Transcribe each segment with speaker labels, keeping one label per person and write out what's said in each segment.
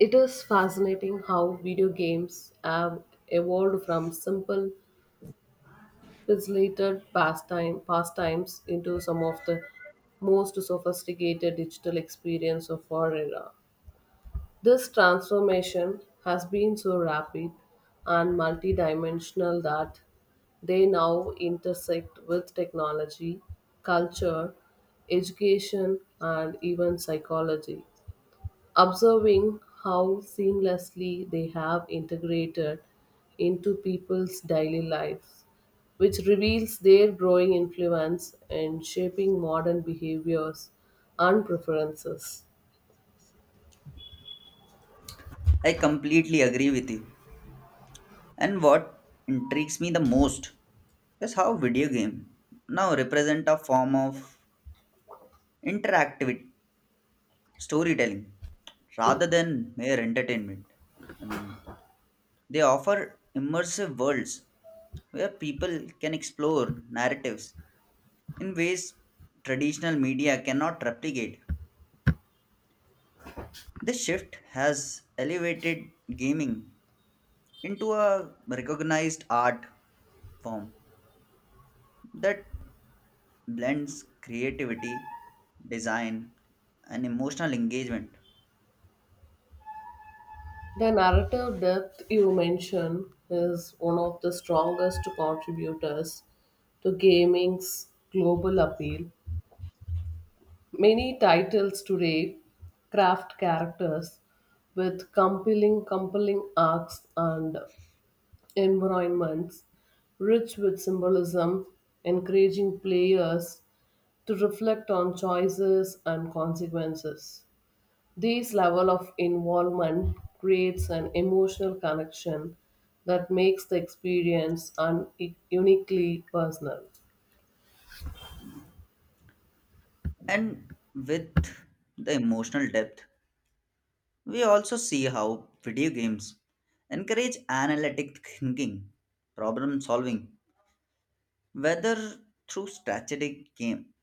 Speaker 1: It is fascinating how video games have evolved from simple, pastimes into some of the most sophisticated digital experience of our era. This transformation has been so rapid and multidimensional that they now intersect with technology, culture, education, and even psychology observing how seamlessly they have integrated into people's daily lives, which reveals their growing influence in shaping modern behaviors and preferences.
Speaker 2: I completely agree with you. And what intrigues me the most is how video game now represent a form of interactive storytelling rather than mere entertainment. I mean, they offer immersive worlds where people can explore narratives in ways traditional media cannot replicate. This shift has elevated gaming into a recognized art form that blends creativity, design, and emotional engagement.
Speaker 1: The narrative depth you mention is one of the strongest contributors to gaming's global appeal. Many titles today craft characters with compelling arcs and environments rich with symbolism, encouraging players to reflect on choices and consequences. This level of involvement creates an emotional connection that makes the experience uniquely personal.
Speaker 2: And with the emotional depth, we also see how video games encourage analytic thinking, problem solving, whether through strategic game,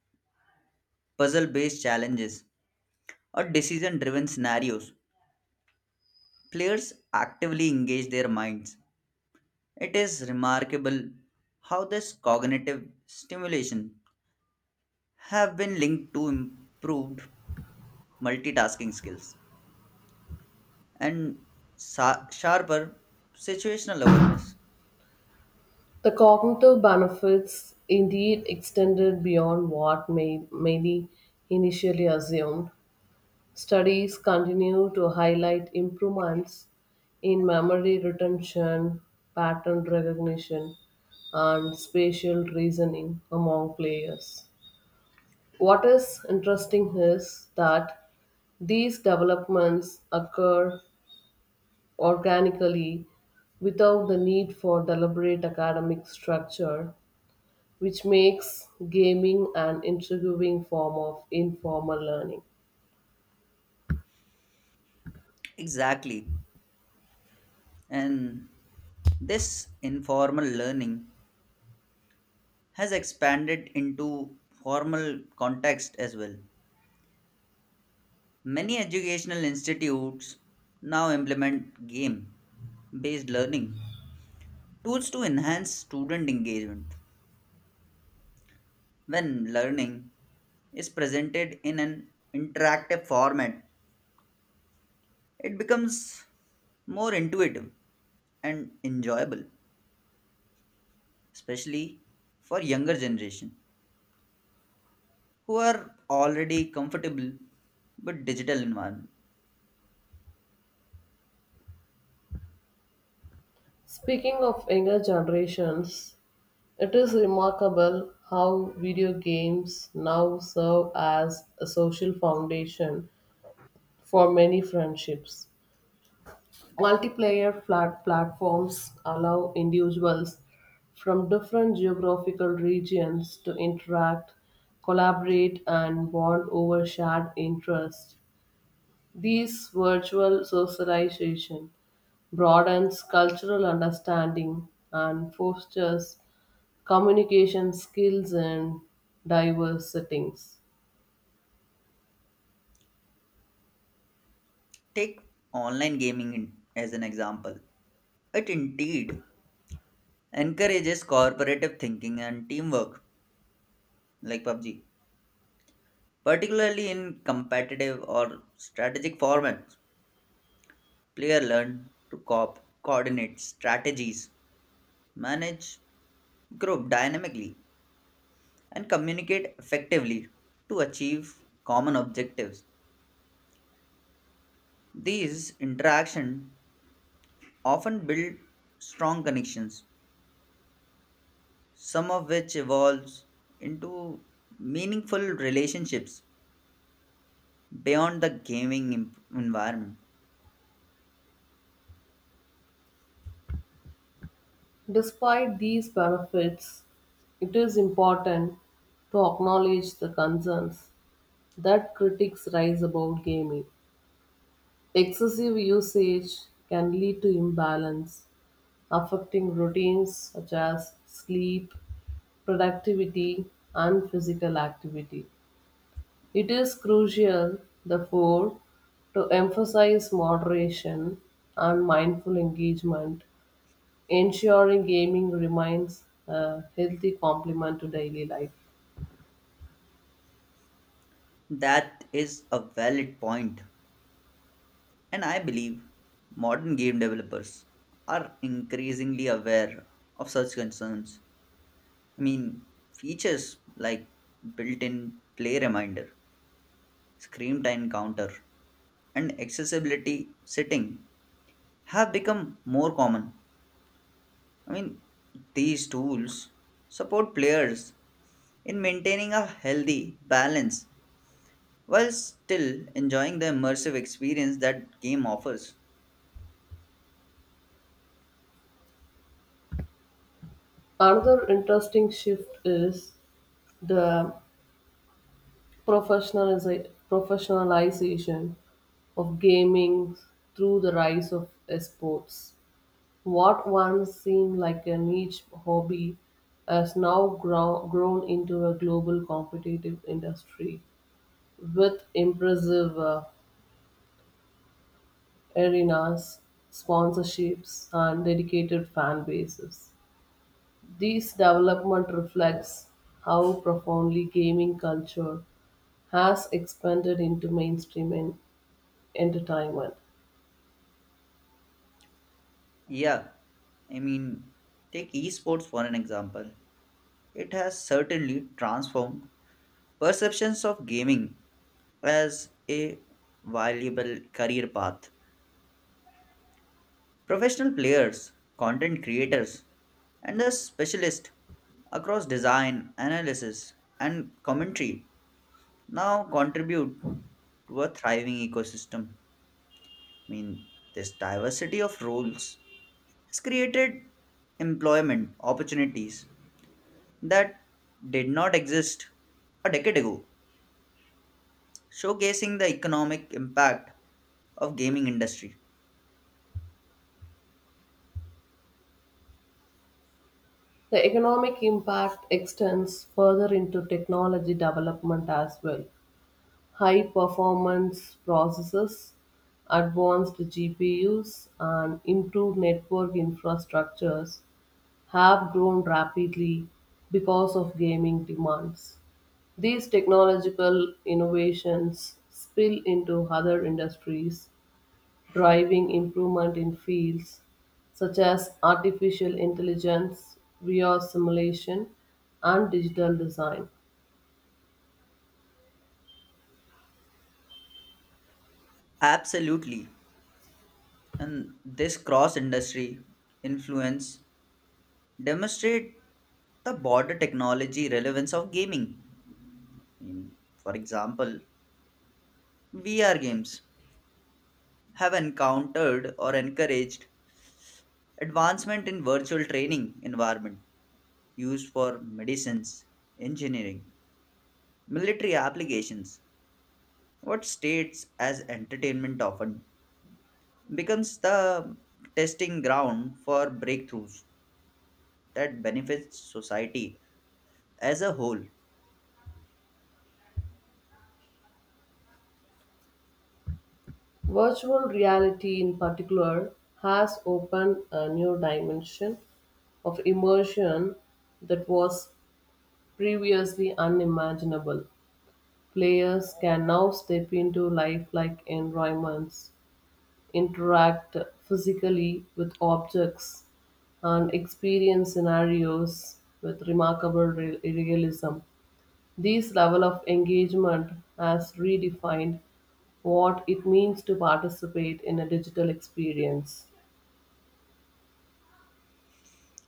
Speaker 2: puzzle based challenges, or decision driven scenarios. Players actively engage their minds. It is remarkable how this cognitive stimulation have been linked to improved multitasking skills and sharper situational awareness.
Speaker 1: The cognitive benefits indeed extended beyond many initially assumed. Studies continue to highlight improvements in memory retention, pattern recognition, and spatial reasoning among players. What is interesting is that these developments occur organically without the need for deliberate academic structure, which makes gaming an intriguing form of informal learning.
Speaker 2: Exactly. And this informal learning has expanded into formal context as well. Many educational institutes now implement game based learning tools to enhance student engagement when learning is presented in an interactive format. It becomes more intuitive and enjoyable, especially for younger generation who are already comfortable with digital environment.
Speaker 1: Speaking of younger generations, it is remarkable how video games now serve as a social foundation for many friendships. Multiplayer flat platforms allow individuals from different geographical regions to interact, collaborate, and bond over shared interests. These virtual socialization broadens cultural understanding and fosters communication skills in diverse settings.
Speaker 2: Take online gaming as an example. It indeed encourages cooperative thinking and teamwork, like PUBG, particularly in competitive or strategic formats. Player learn to coordinate strategies, manage group dynamically, and communicate effectively to achieve common objectives. These interactions often build strong connections, some of which evolves into meaningful relationships beyond the gaming environment.
Speaker 1: Despite these benefits, it is important to acknowledge the concerns that critics raise about gaming. Excessive usage can lead to imbalance, affecting routines such as sleep, productivity, and physical activity. It is crucial, therefore, to emphasize moderation and mindful engagement, ensuring gaming remains a healthy complement to daily life.
Speaker 2: That is a valid point, and I believe modern game developers are increasingly aware of such concerns. I mean, features like built in play reminder screen time counter and accessibility setting have become more common. I mean, these tools support players in maintaining a healthy balance while still enjoying the immersive experience that game offers.
Speaker 1: Another interesting shift is the professionalization of gaming through the rise of esports. What once seemed like a niche hobby has grown into a global competitive industry with impressive arenas, sponsorships, and dedicated fan bases. This development reflects how profoundly gaming culture has expanded into mainstream entertainment.
Speaker 2: Yeah, I mean, take esports for an example. It has certainly transformed perceptions of gaming as a valuable career path. Professional players, content creators, and the specialists across design, analysis, and commentary now contribute to a thriving ecosystem. I mean, this diversity of roles has created employment opportunities that did not exist a decade ago, showcasing the economic impact of gaming industry.
Speaker 1: The economic impact extends further into technology development as well. High performance processors, advanced GPUs, and improved network infrastructures have grown rapidly because of gaming demands. These technological innovations spill into other industries, driving improvement in fields such as artificial intelligence, VR simulation, and digital design.
Speaker 2: Absolutely. And this cross industry influence demonstrate the border technology relevance of gaming. Mm, for example, VR games have encountered or encouraged advancement in virtual training environment used for medicines, engineering, military applications. What states as entertainment often becomes the testing ground for breakthroughs that benefits society as a whole.
Speaker 1: Virtual reality, in particular, has opened a new dimension of immersion that was previously unimaginable. Players can now step into lifelike environments, interact physically with objects, and experience scenarios with remarkable realism. This level of engagement has redefined what it means to participate in a digital experience.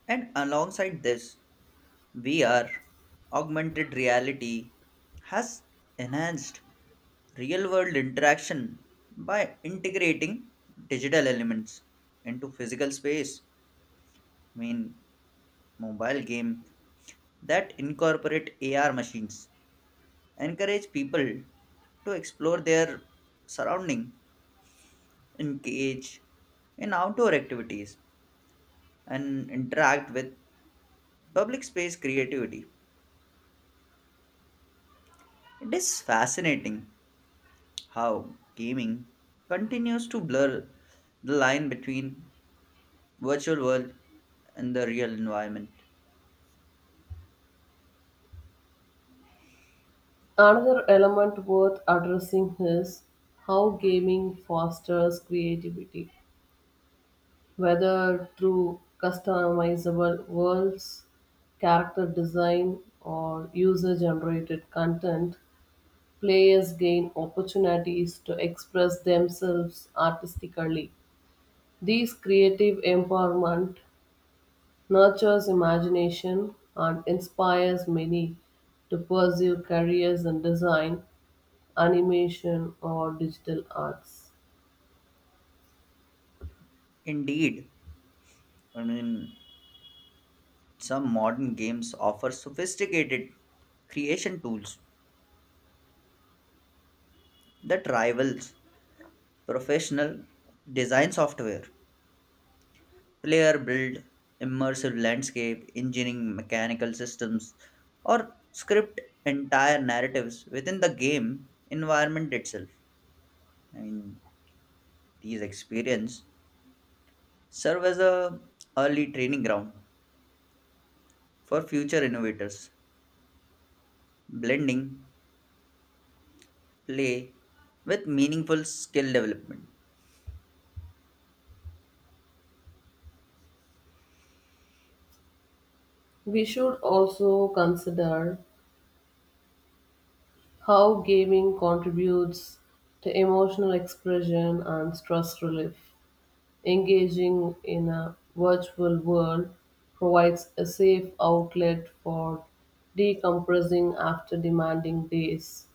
Speaker 2: And alongside this, VR, augmented reality, has enhanced real world interaction by integrating digital elements into physical space. I mean, mobile game that incorporate AR machines encourage people to explore their surrounding, engage in outdoor activities, and interact with public space creativity. It is fascinating how gaming continues to blur the line between virtual world and the real environment.
Speaker 1: Another element worth addressing is how gaming fosters creativity, whether through customizable worlds, character design, or user generated content. Players gain opportunities to express themselves artistically. This creative empowerment nurtures imagination, and inspires many to pursue careers in design, animation, or digital arts.
Speaker 2: Indeed, I mean, some modern games offer sophisticated creation tools that rivals professional design software. Player build immersive landscape, engineering mechanical systems, or script entire narratives within the game environment itself. I mean, these experience serve as a early training ground for future innovators, blending play with meaningful skill development.
Speaker 1: We should also consider how gaming contributes to emotional expression and stress relief. Engaging in a virtual world provides a safe outlet for decompressing after demanding days.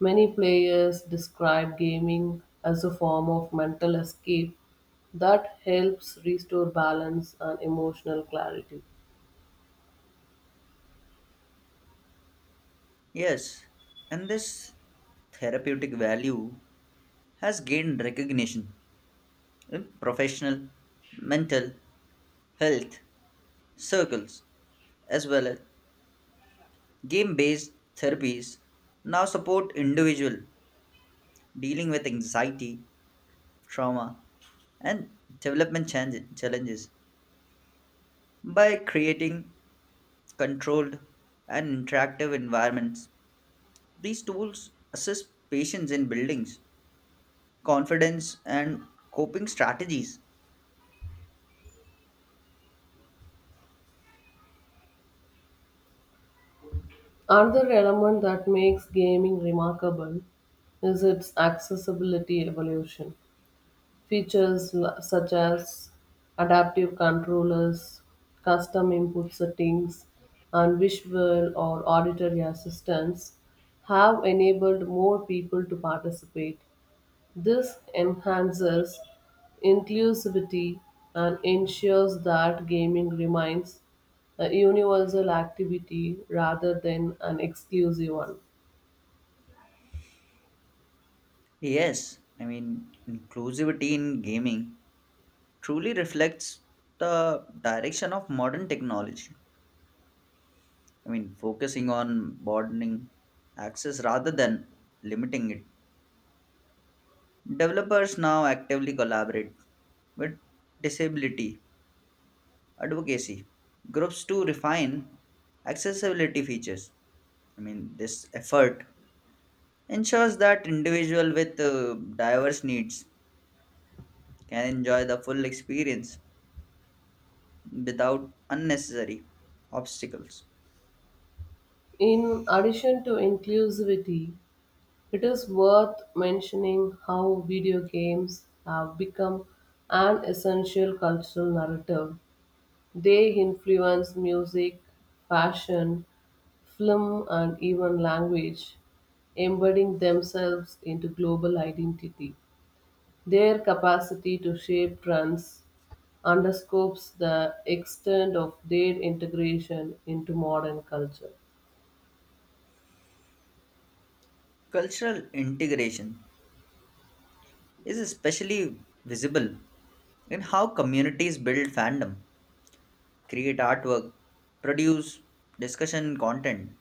Speaker 1: Many players describe gaming as a form of mental escape that helps restore balance and emotional clarity.
Speaker 2: Yes, and this therapeutic value has gained recognition in professional mental health circles as well as game based therapies now support individual dealing with anxiety trauma and development challenges by creating controlled, and interactive environments. These tools assist patients in buildings, confidence, and coping strategies.
Speaker 1: Another element that makes gaming remarkable is its accessibility evolution. Features such as adaptive controllers, custom input settings, and visual or auditory assistance have enabled more people to participate. This enhances inclusivity and ensures that gaming remains a universal activity rather than an exclusive one.
Speaker 2: Yes, I mean, inclusivity in gaming truly reflects the direction of modern technology. I mean, focusing on broadening access rather than limiting it. Developers now actively collaborate with disability advocacy groups to refine accessibility features. I mean, this effort ensures that individuals with diverse needs can enjoy the full experience without unnecessary obstacles.
Speaker 1: In addition to inclusivity, it is worth mentioning how video games have become an essential cultural narrative. They influence music, fashion, film, and even language, embedding themselves into global identity. Their capacity to shape trends underscores the extent of their integration into modern culture.
Speaker 2: Cultural integration is especially visible in how communities build fandom, create artwork, produce discussion content,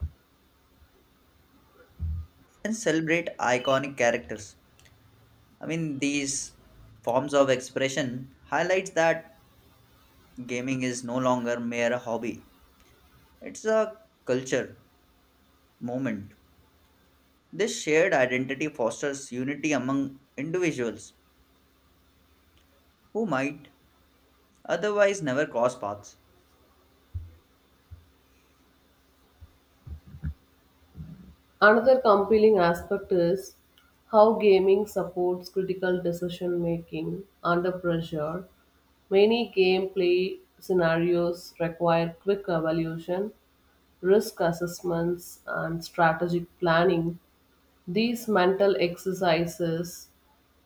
Speaker 2: and celebrate iconic characters. I mean, these forms of expression highlights that gaming is no longer mere a hobby. It's a culture moment. This shared identity fosters unity among individuals who might otherwise never cross paths.
Speaker 1: Another compelling aspect is how gaming supports critical decision making under pressure. Many gameplay scenarios require quick evaluation, risk assessments, and strategic planning. These mental exercises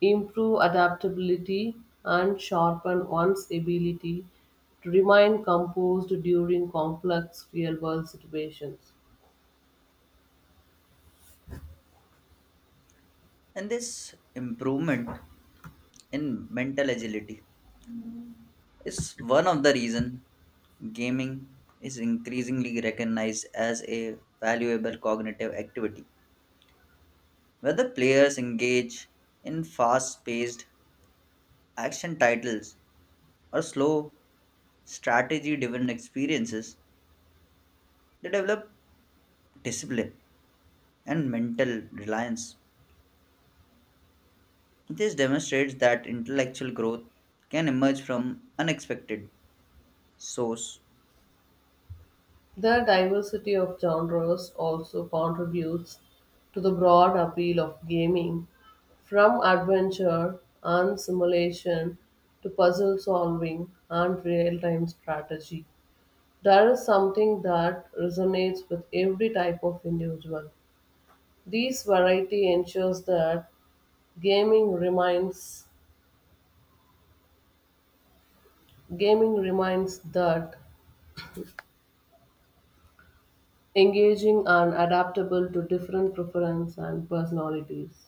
Speaker 1: improve adaptability and sharpen one's ability to remain composed during complex real world situations.
Speaker 2: And this improvement in mental agility is one of the reason gaming is increasingly recognized as a valuable cognitive activity. Whether players engage in fast paced action titles are slow, strategy driven experiences. They develop discipline and mental reliance. This demonstrates that intellectual growth can emerge from unexpected source.
Speaker 1: The diversity of genres also contributes to the broad appeal of gaming, from adventure and simulation to puzzle solving and real time strategy. There is something that resonates with every type of individual. This variety ensures that gaming remains gaming reminds that engaging and adaptable to different preferences and personalities.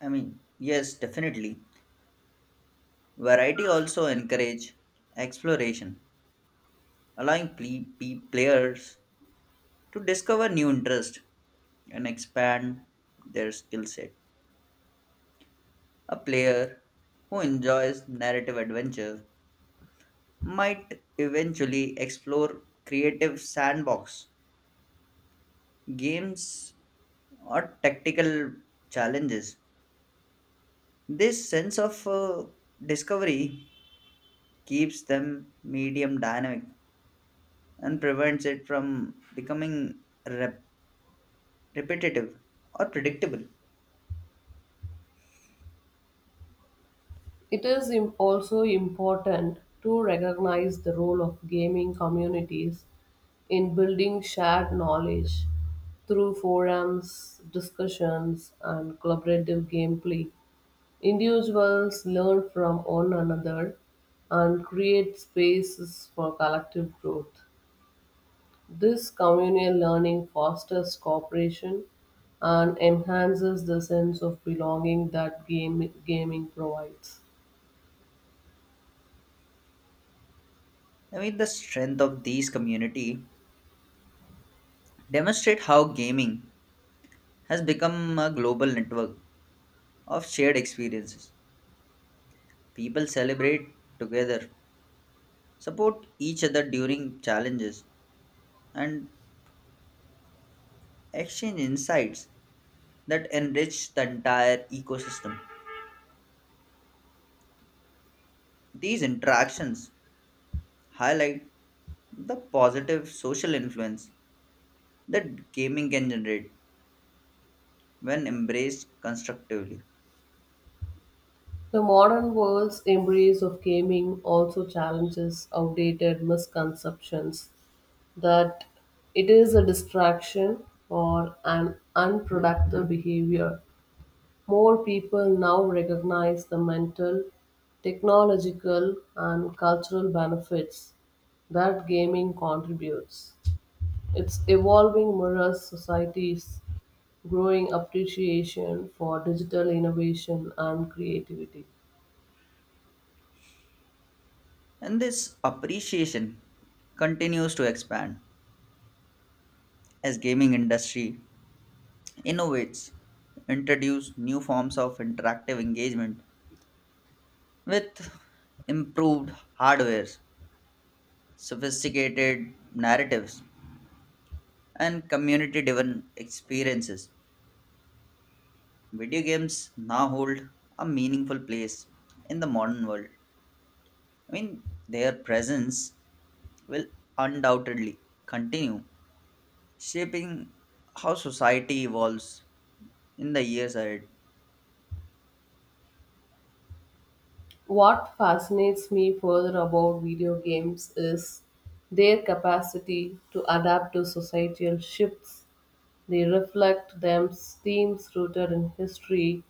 Speaker 2: I mean, yes, definitely. Variety also encourage exploration, allowing players to discover new interest and expand their skill set. A player who enjoys narrative adventure might eventually explore creative sandbox games or tactical challenges. This sense of discovery keeps them medium dynamic and prevents it from becoming rep- repetitive or predictable.
Speaker 1: It is also important to recognize the role of gaming communities in building shared knowledge through forums, discussions, and collaborative gameplay. Individuals learn from one another and create spaces for collective growth. This communal learning fosters cooperation and enhances the sense of belonging that gaming provides.
Speaker 2: I mean, the strength of these community demonstrate how gaming has become a global network of shared experiences. People celebrate together support each other during challenges, and exchange insights that enrich the entire ecosystem. These interactions highlight the positive social influence that gaming can generate when embraced constructively.
Speaker 1: The modern world's embrace of gaming also challenges outdated misconceptions that it is a distraction or an unproductive behavior. More people now recognize the mental, technological, and cultural benefits that gaming contributes. Its evolving mirrors society's growing appreciation for digital innovation and creativity.
Speaker 2: And this appreciation continues to expand as gaming industry innovates, introduce new forms of interactive engagement with improved hardwares sophisticated narratives, and community driven experiences. Video games now hold a meaningful place in the modern world. I mean, their presence will undoubtedly continue shaping how society evolves in the years ahead.
Speaker 1: What fascinates me further about video games is their capacity to adapt to societal shifts. They reflect them themes rooted in history,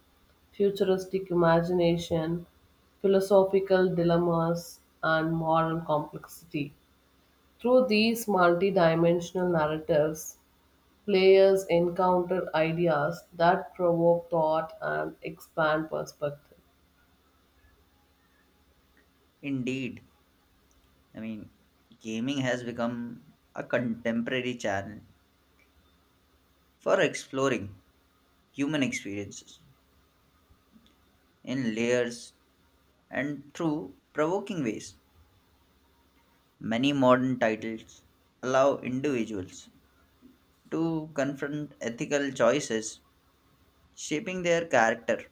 Speaker 1: futuristic imagination, philosophical dilemmas, and moral complexity. Through these multidimensional narratives, players encounter ideas that provoke thought and expand perspective.
Speaker 2: Indeed, I mean, gaming has become a contemporary channel for exploring human experiences in layers and through provoking ways. Many modern titles allow individuals to confront ethical choices shaping their character,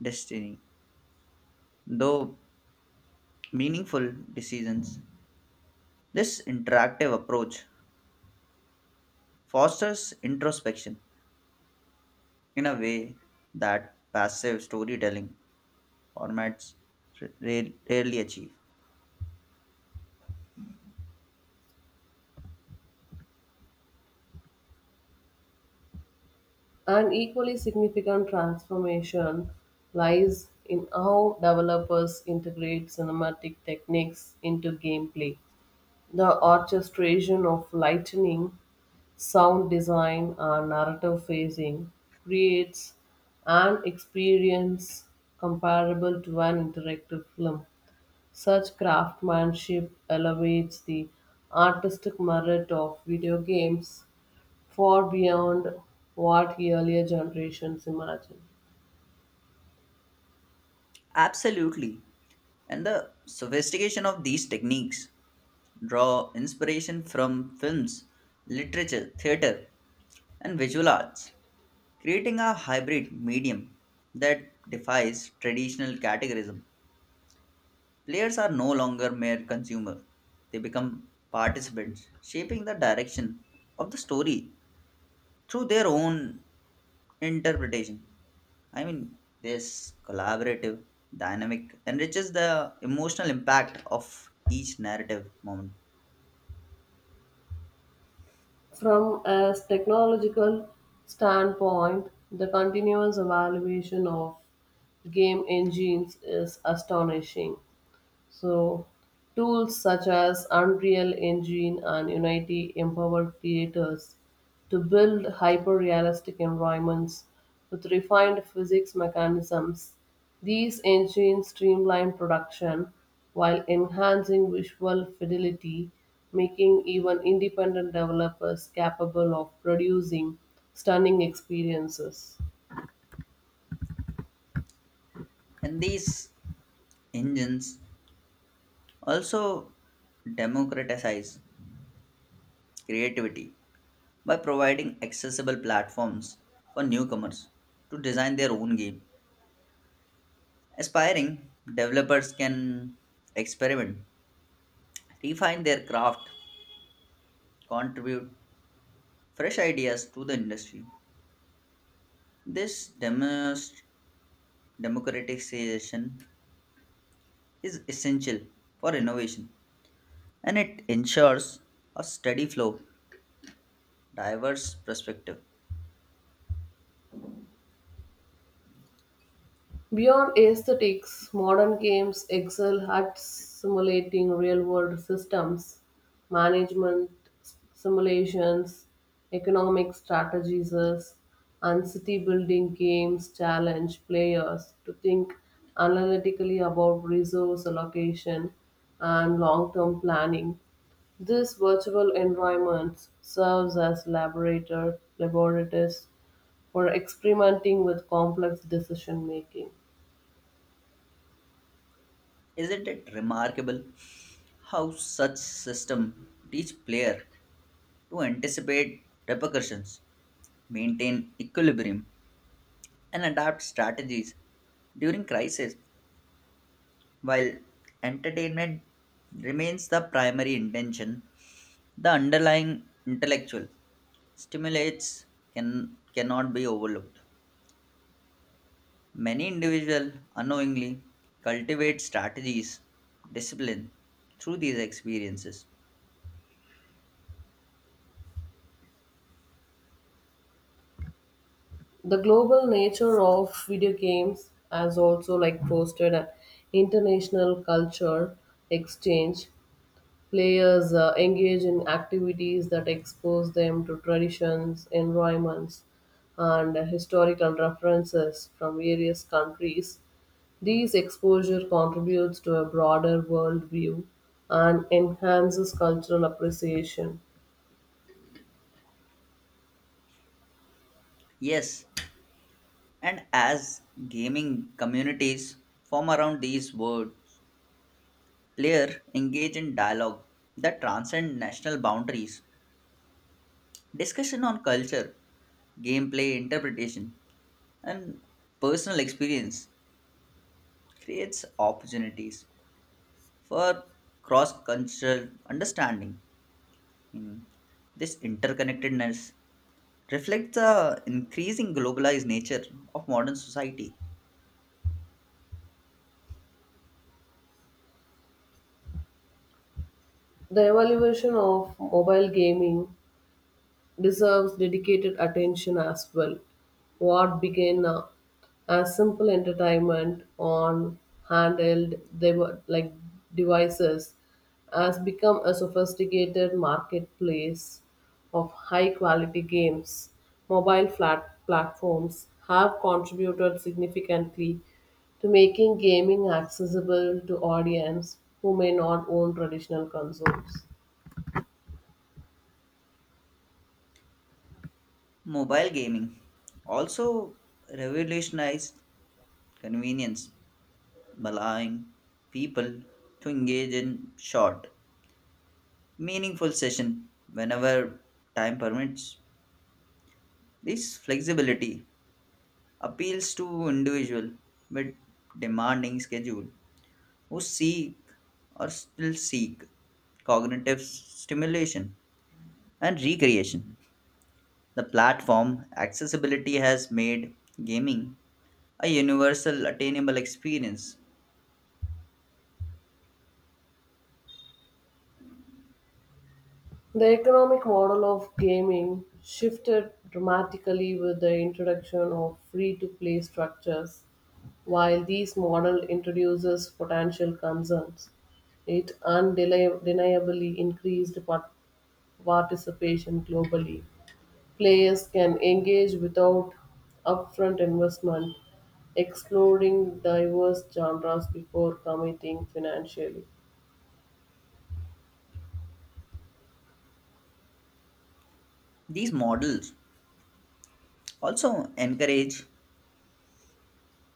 Speaker 2: destiny, though meaningful decisions. This interactive approach fosters introspection in a way that passive storytelling formats rarely achieve.
Speaker 1: An equally significant transformation lies in how developers integrate cinematic techniques into gameplay. The orchestration of lighting, sound design, and narrative phasing creates an experience comparable to an interactive film. Such craftsmanship elevates the artistic merit of video games far beyond what earlier generations imagined.
Speaker 2: Absolutely. And the sophistication of these techniques draw inspiration from films, literature, theater, and visual arts, creating a hybrid medium that defies traditional categorism. Players are no longer mere consumers, they become participants, shaping the direction of the story through their own interpretation. I mean, this collaborative dynamic enriches the emotional impact of each narrative moment.
Speaker 1: From a technological standpoint, the continuous evaluation of game engines is astonishing. So, Tools such as Unreal Engine and Unity empower creators to build hyper realistic environments with refined physics mechanisms. These engines streamline production while enhancing visual fidelity, making even independent developers capable of producing stunning experiences.
Speaker 2: And these engines also democratize creativity by providing accessible platforms for newcomers to design their own game. Aspiring developers can experiment, refine their craft, contribute fresh ideas to the industry. This democratization is essential for innovation and it ensures a steady flow, diverse perspective.
Speaker 1: Beyond aesthetics, modern games excel at simulating real world systems, management simulations, economic strategies, and city building games challenge players to think analytically about resource allocation and long term planning. This virtual environment serves as laboratories for experimenting with complex decision making.
Speaker 2: Isn't it remarkable how such system teach player to anticipate repercussions maintain equilibrium, and adapt strategies during crisis. While entertainment remains the primary intention, the underlying intellectual stimulates cannot be overlooked. Many individuals unknowingly cultivate strategies, discipline through these experiences.
Speaker 1: The global nature of video games has also like fostered an international culture exchange. Players engage in activities that expose them to traditions environments and historical references from various countries. These exposure contributes to a broader world view and enhances cultural appreciation.
Speaker 2: Yes, and as gaming communities form around these words, layer engage in dialogue that transcend national boundaries, discussion on culture, gameplay interpretation, and personal experience creates opportunities for cross-cultural understanding. Mm, this interconnectedness reflects the increasing globalized nature of modern society.
Speaker 1: The evolution of mobile gaming deserves dedicated attention as well. What began as simple entertainment on handheld dev- like devices has become a sophisticated marketplace of high quality games. Mobile flat platforms have contributed significantly to making gaming accessible to audience who may not own traditional consoles.
Speaker 2: Mobile gaming also revolutionized convenience allowing people to engage in short, meaningful session whenever time permits. This flexibility appeals to individual with demanding schedule who seek or still seek cognitive stimulation and recreation. The platform accessibility has made gaming a universal attainable experience.
Speaker 1: The economic model of gaming shifted dramatically with the introduction of free to play structures. While this model introduces potential concerns, it undeniably increased participation globally. Players can engage without upfront investment, exploring diverse genres before committing financially.
Speaker 2: These models also encourage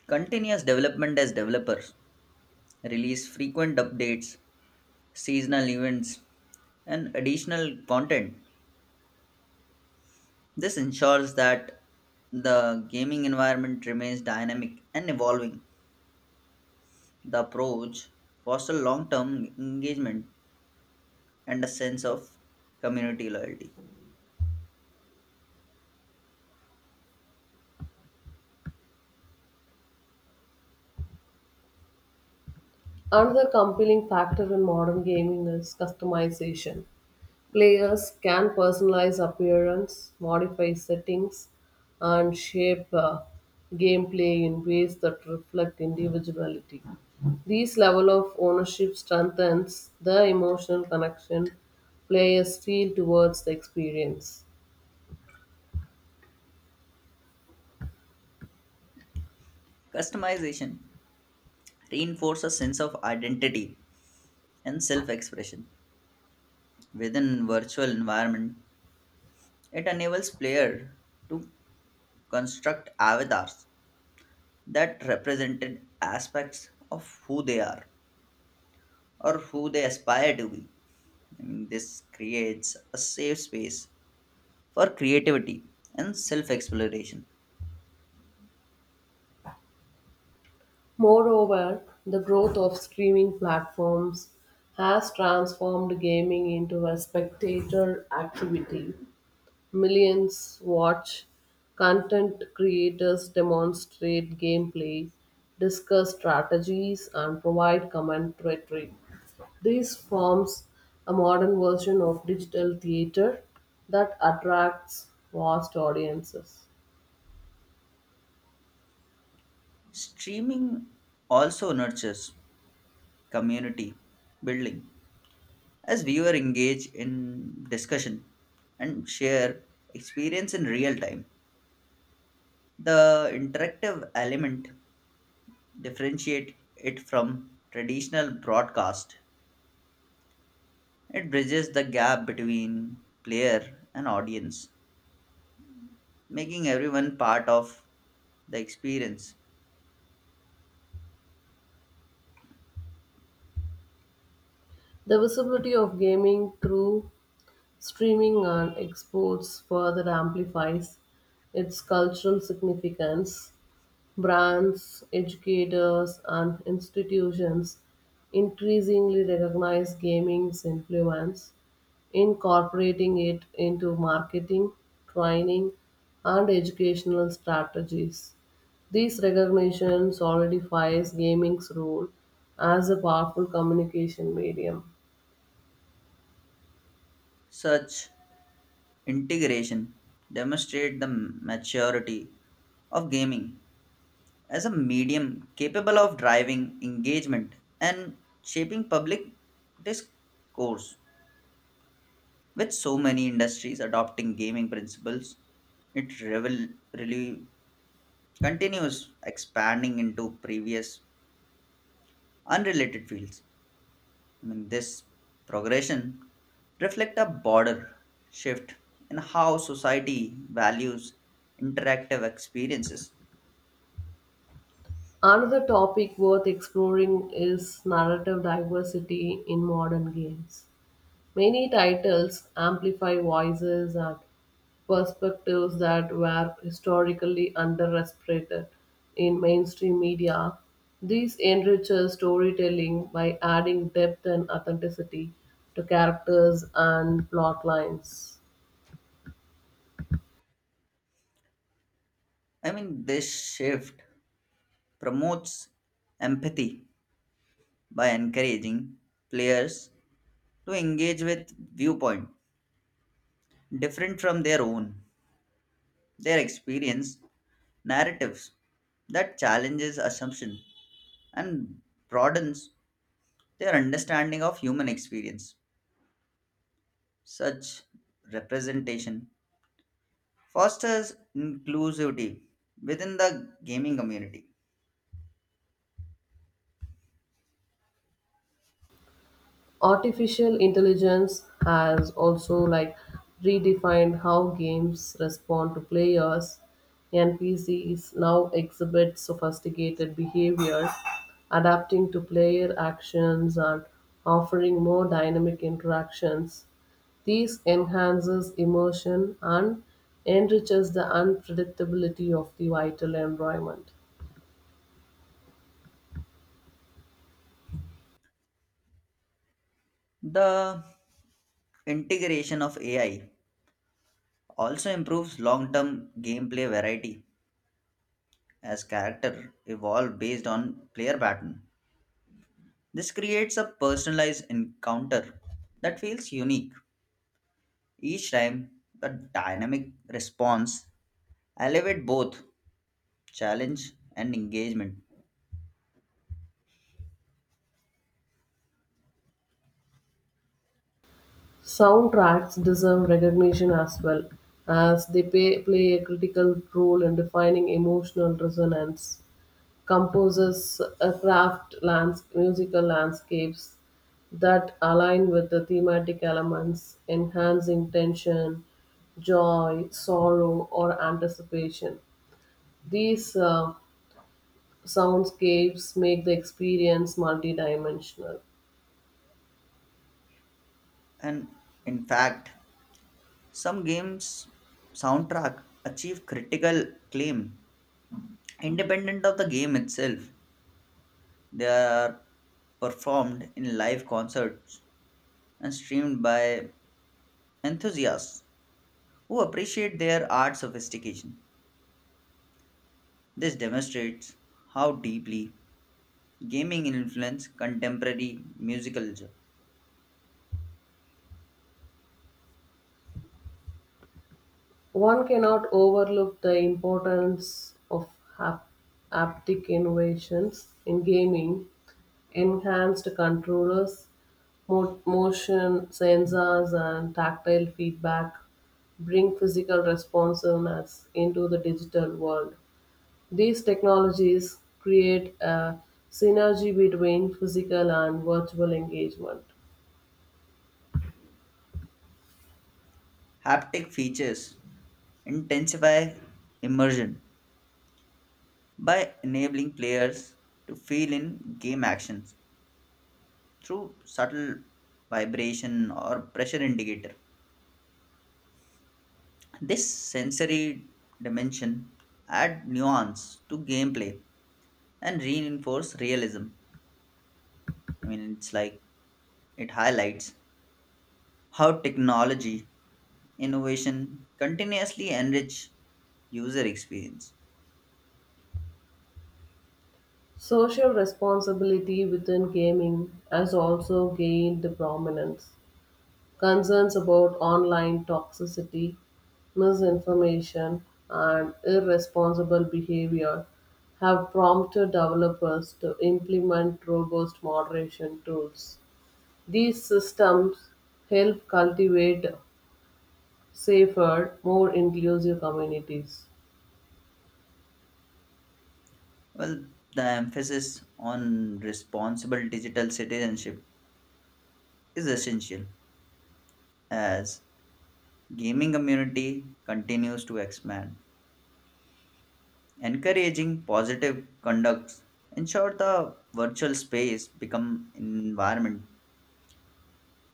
Speaker 2: continuous development as developers release frequent updates, seasonal events, and additional content. This ensures that the gaming environment remains dynamic and evolving. The approach fosters long term engagement and a sense of community loyalty.
Speaker 1: Another compelling factor in modern gaming is customization. Players can personalize appearance, modify settings, and shape gameplay in ways that reflect individuality. This level of ownership strengthens the emotional connection players feel towards the experience.
Speaker 2: Customization reinforces a sense of identity and self expression. Within virtual environment, it enables player to construct avatars that represented aspects of who they are or who they aspire to be. I mean, this creates a safe space for creativity and self exploration.
Speaker 1: Moreover, the growth of streaming platforms has transformed gaming into a spectator activity. Millions watch, content creators demonstrate gameplay, discuss strategies, and provide commentary. This forms a modern version of digital theater that attracts vast audiences.
Speaker 2: Streaming also nurtures community building as viewers engage in discussion and share experience in real time. The interactive element differentiate it from traditional broadcast. It bridges the gap between player and audience, making everyone part of the experience.
Speaker 1: The visibility of gaming through streaming and exports further amplifies its cultural significance. Brands, educators, and institutions increasingly recognize gaming's influence, incorporating it into marketing, training, and educational strategies. This recognition solidifies gaming's role as a powerful communication medium.
Speaker 2: Such integration demonstrates the maturity of gaming as a medium capable of driving engagement and shaping public discourse. With so many industries adopting gaming principles, it really continues expanding into previous unrelated fields. I mean, this progression reflect a broader shift in how society values interactive experiences.
Speaker 1: Another topic worth exploring is narrative diversity in modern games. Many titles amplify voices and perspectives that were historically underrepresented in mainstream media. This enriches storytelling by adding depth and authenticity to characters and plot lines.
Speaker 2: I mean, this shift promotes empathy by encouraging players to engage with viewpoint different from their own, their experience narratives that challenges assumption and broadens their understanding of human experience. Such representation fosters inclusivity within the gaming community.
Speaker 1: Artificial intelligence has also like redefined how games respond to players. NPCs now exhibit sophisticated behavior adapting to player actions and offering more dynamic interactions. These enhances immersion and enriches the unpredictability of the vital environment.
Speaker 2: The integration of AI also improves long term gameplay variety as character evolve based on player pattern. This creates a personalized encounter that feels unique. Each time, the dynamic response elevate both challenge and engagement.
Speaker 1: Soundtracks deserve recognition as well, as they play a critical role in defining emotional resonance. Composers musical landscapes that align with the thematic elements, enhancing tension, joy, sorrow, or anticipation. These soundscapes make the experience multidimensional.
Speaker 2: And in fact, some games soundtrack achieve critical acclaim independent of the game itself, they are performed in live concerts and streamed by enthusiasts who appreciate their art sophistication. This demonstrates how deeply gaming influences contemporary music culture.
Speaker 1: One cannot overlook the importance of hap- haptic innovations in gaming, enhanced controllers, motion sensors, and tactile feedback bring physical responsiveness into the digital world. These technologies create a synergy between physical and virtual engagement.
Speaker 2: Haptic features intensify immersion by enabling players to feel in game actions through subtle vibration or pressure indicator. This sensory dimension add nuance to gameplay and reinforce realism. I mean, it's like it highlights how technology innovation continuously enrich user experience.
Speaker 1: Social responsibility within gaming has also gained prominence. Concerns about online toxicity, misinformation, and irresponsible behavior have prompted developers to implement robust moderation tools. These systems help cultivate safer, more inclusive communities.
Speaker 2: Well, the emphasis on responsible digital citizenship is essential as gaming community continues to expand. Encouraging positive conducts ensure the virtual space become an environment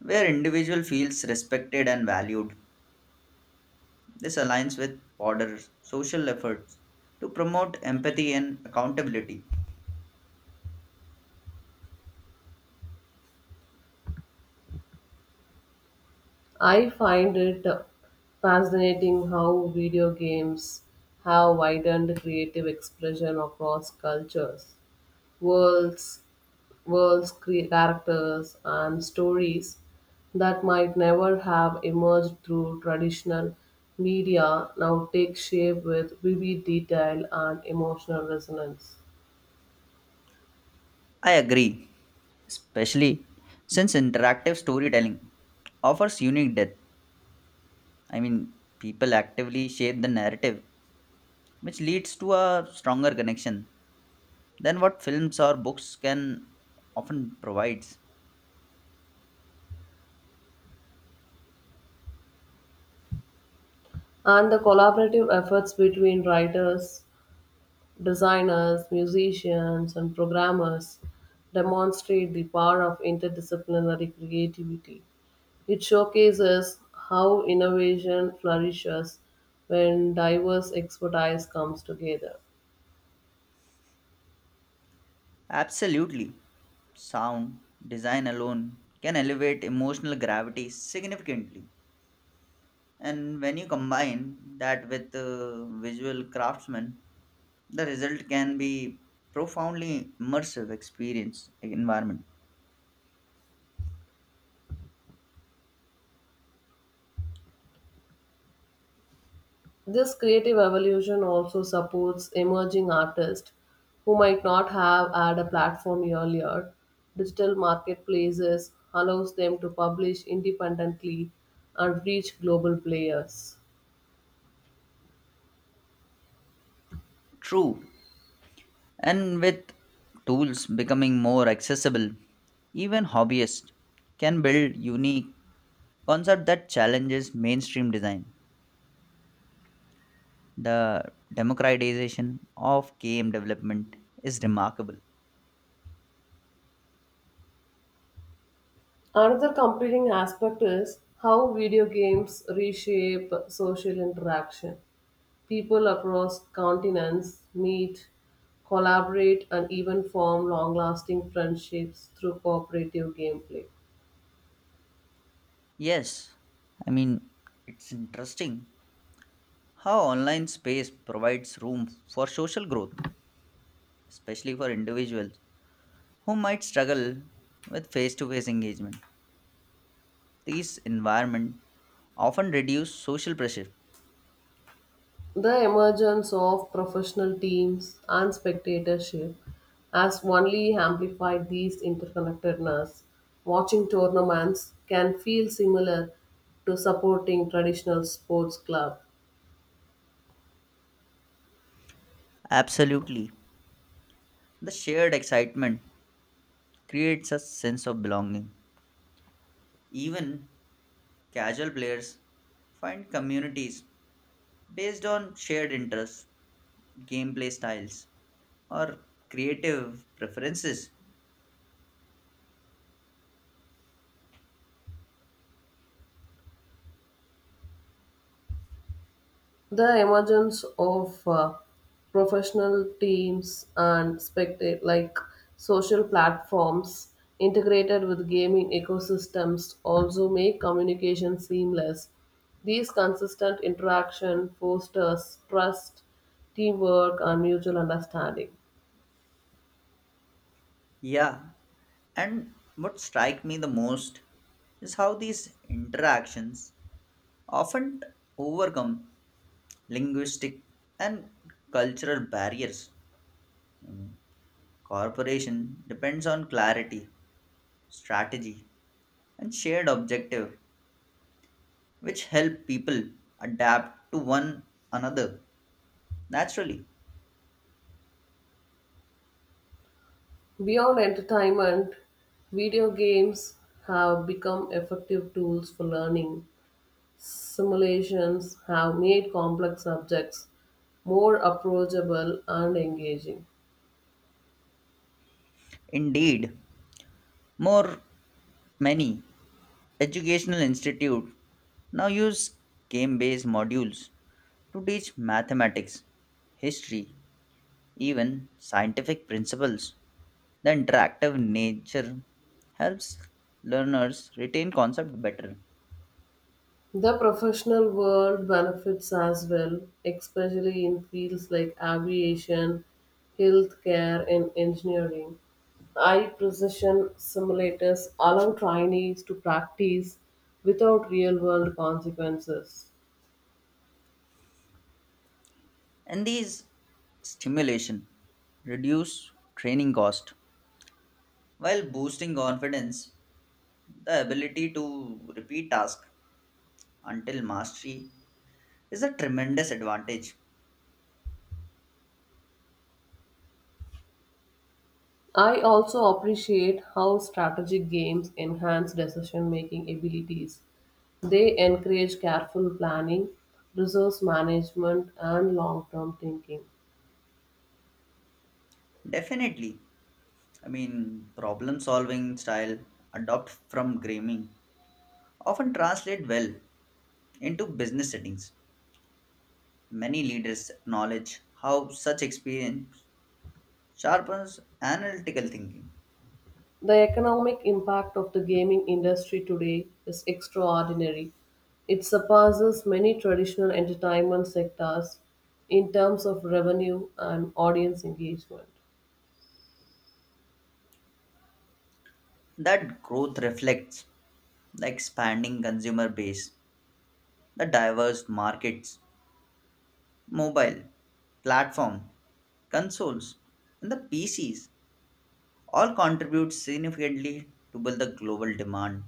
Speaker 2: where individual feels respected and valued. This aligns with broader social efforts to promote empathy and accountability.
Speaker 1: I find it fascinating how video games have widened creative expression across cultures. worlds, Worlds, characters, and stories that might never have emerged through traditional media now take shape with vivid detail and emotional resonance.
Speaker 2: I agree, especially since interactive storytelling offers unique depth. I mean, people actively shape the narrative, which leads to a stronger connection than what films or books can often provide.
Speaker 1: And the collaborative efforts between writers, designers, musicians, and programmers demonstrate the power of interdisciplinary creativity. It showcases how innovation flourishes when diverse expertise comes together.
Speaker 2: Absolutely. Sound design alone can elevate emotional gravity significantly. And when you combine that with visual craftsmen, the result can be profoundly immersive experience environment.
Speaker 1: This creative evolution also supports emerging artists who might not have had a platform earlier. Digital marketplaces allows them to publish independently and reach global players.
Speaker 2: True. And with tools becoming more accessible, even hobbyists can build unique concept that challenges mainstream design. The democratization of game development is remarkable.
Speaker 1: Another competing aspect is how video games reshape social interaction. People across continents meet, collaborate, and even form long lasting friendships through cooperative gameplay.
Speaker 2: Yes, I mean, it's interesting how online space provides room for social growth, especially for individuals who might struggle with face to face engagement. These environments often reduce social pressure.
Speaker 1: The emergence of professional teams and spectatorship has only amplified these interconnectedness. Watching tournaments can feel similar to supporting traditional sports club.
Speaker 2: Absolutely. The shared excitement creates a sense of belonging. Even casual players find communities based on shared interests, gameplay styles, or creative preferences.
Speaker 1: The emergence of professional teams and spectate like social platforms integrated with gaming ecosystems also make communication seamless. These consistent interaction fosters trust, teamwork, and mutual understanding.
Speaker 2: Yeah, and what strike me the most is how these interactions often overcome linguistic and cultural barriers. Mm, cooperation depends on clarity, strategy, and shared objective, which help people adapt to one another naturally.
Speaker 1: Beyond entertainment, video games have become effective tools for learning. Simulations have made complex subjects more approachable and engaging.
Speaker 2: Indeed, more many educational institute now use game based modules to teach mathematics history even scientific principles the interactive nature helps learners retain concept better
Speaker 1: The professional world benefits as well, especially in fields like aviation, healthcare, and engineering. High precision simulators allow trainees to practice without real world consequences.
Speaker 2: and these stimulation reduce training cost while boosting confidence the ability to repeat tasks until mastery is a tremendous advantage.
Speaker 1: I also appreciate how strategic games enhance decision making abilities. They encourage careful planning, resource management, and long term thinking.
Speaker 2: Definitely. I mean, problem solving style adopt from gaming often translate well into business settings. Many leaders acknowledge how such experience sharpens analytical thinking.
Speaker 1: The economic impact of the gaming industry today is extraordinary. It surpasses many traditional entertainment sectors in terms of revenue and audience engagement.
Speaker 2: That growth reflects the expanding consumer base, the diverse markets, mobile, platform, consoles, and the PCs all contribute significantly to build the global demand.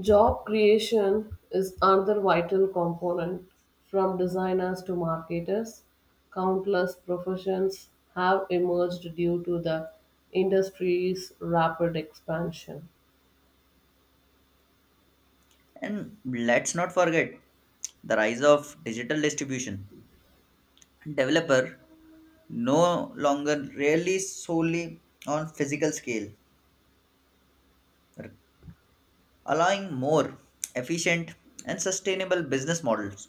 Speaker 1: Job creation is another vital component from designers to marketers. Countless professions have emerged due to the industry's rapid expansion.
Speaker 2: And let's not forget the rise of digital distribution. Developer no longer rely solely on physical scale, allowing more efficient and sustainable business models.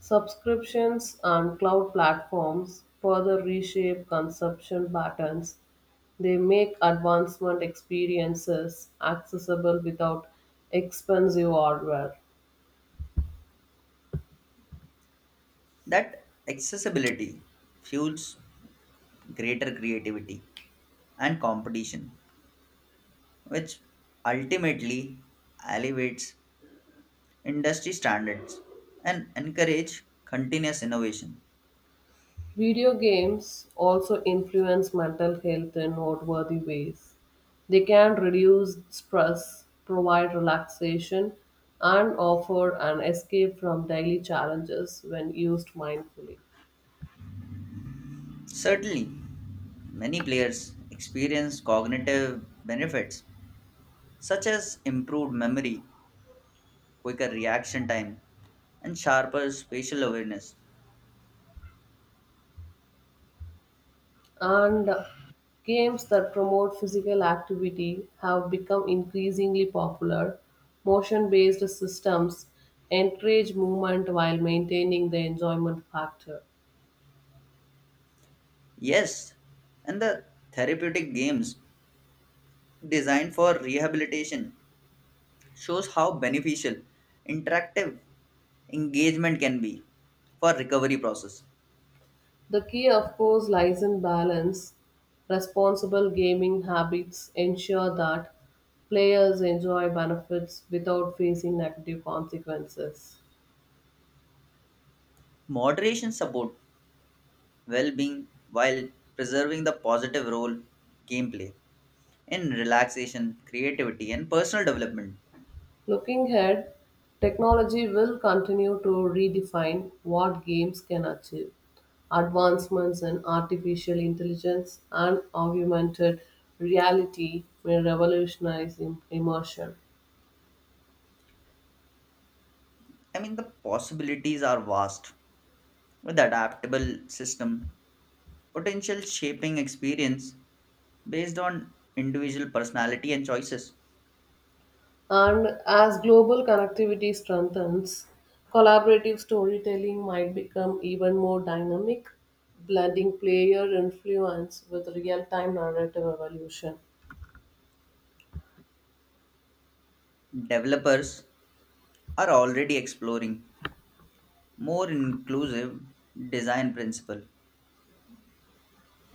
Speaker 1: Subscriptions and cloud platforms further reshape consumption patterns. They make advancement experiences accessible without expensive hardware.
Speaker 2: That accessibility fuels greater creativity and competition, which ultimately elevates industry standards and encourage continuous innovation.
Speaker 1: Video games also influence mental health in noteworthy ways. They can reduce stress, provide relaxation, and offer an escape from daily challenges when used mindfully.
Speaker 2: Certainly, many players experience cognitive benefits such as improved memory, quicker reaction time, and sharper spatial awareness.
Speaker 1: And games that promote physical activity have become increasingly popular. Motion based systems encourage movement while maintaining the enjoyment factor.
Speaker 2: Yes, and the therapeutic games designed for rehabilitation shows how beneficial interactive engagement can be for recovery process.
Speaker 1: The key, of course, lies in balance. Responsible gaming habits ensure that players enjoy benefits without facing negative consequences.
Speaker 2: Moderation support well-being while preserving the positive role gameplay in relaxation, creativity, and personal development.
Speaker 1: Looking ahead, technology will continue to redefine what games can achieve. Advancements in artificial intelligence and augmented reality will revolutionize immersion.
Speaker 2: I mean, the possibilities are vast with adaptable system, potential shaping experience based on individual personality and choices.
Speaker 1: And as global connectivity strengthens, collaborative storytelling might become even more dynamic, blending player influence with real time narrative evolution.
Speaker 2: Developers are already exploring more inclusive design principle,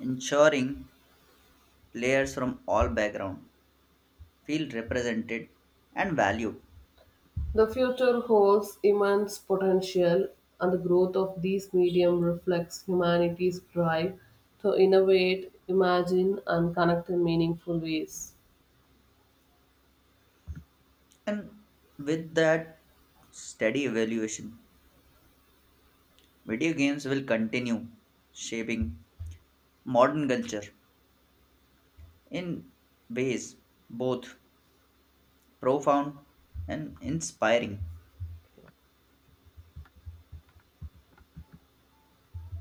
Speaker 2: ensuring players from all background feel represented and valued.
Speaker 1: The future holds immense potential, and the growth of these medium reflects humanity's drive to innovate, imagine, and connect in meaningful ways.
Speaker 2: And with that steady evaluation, video games will continue shaping modern culture in ways both profound and inspiring.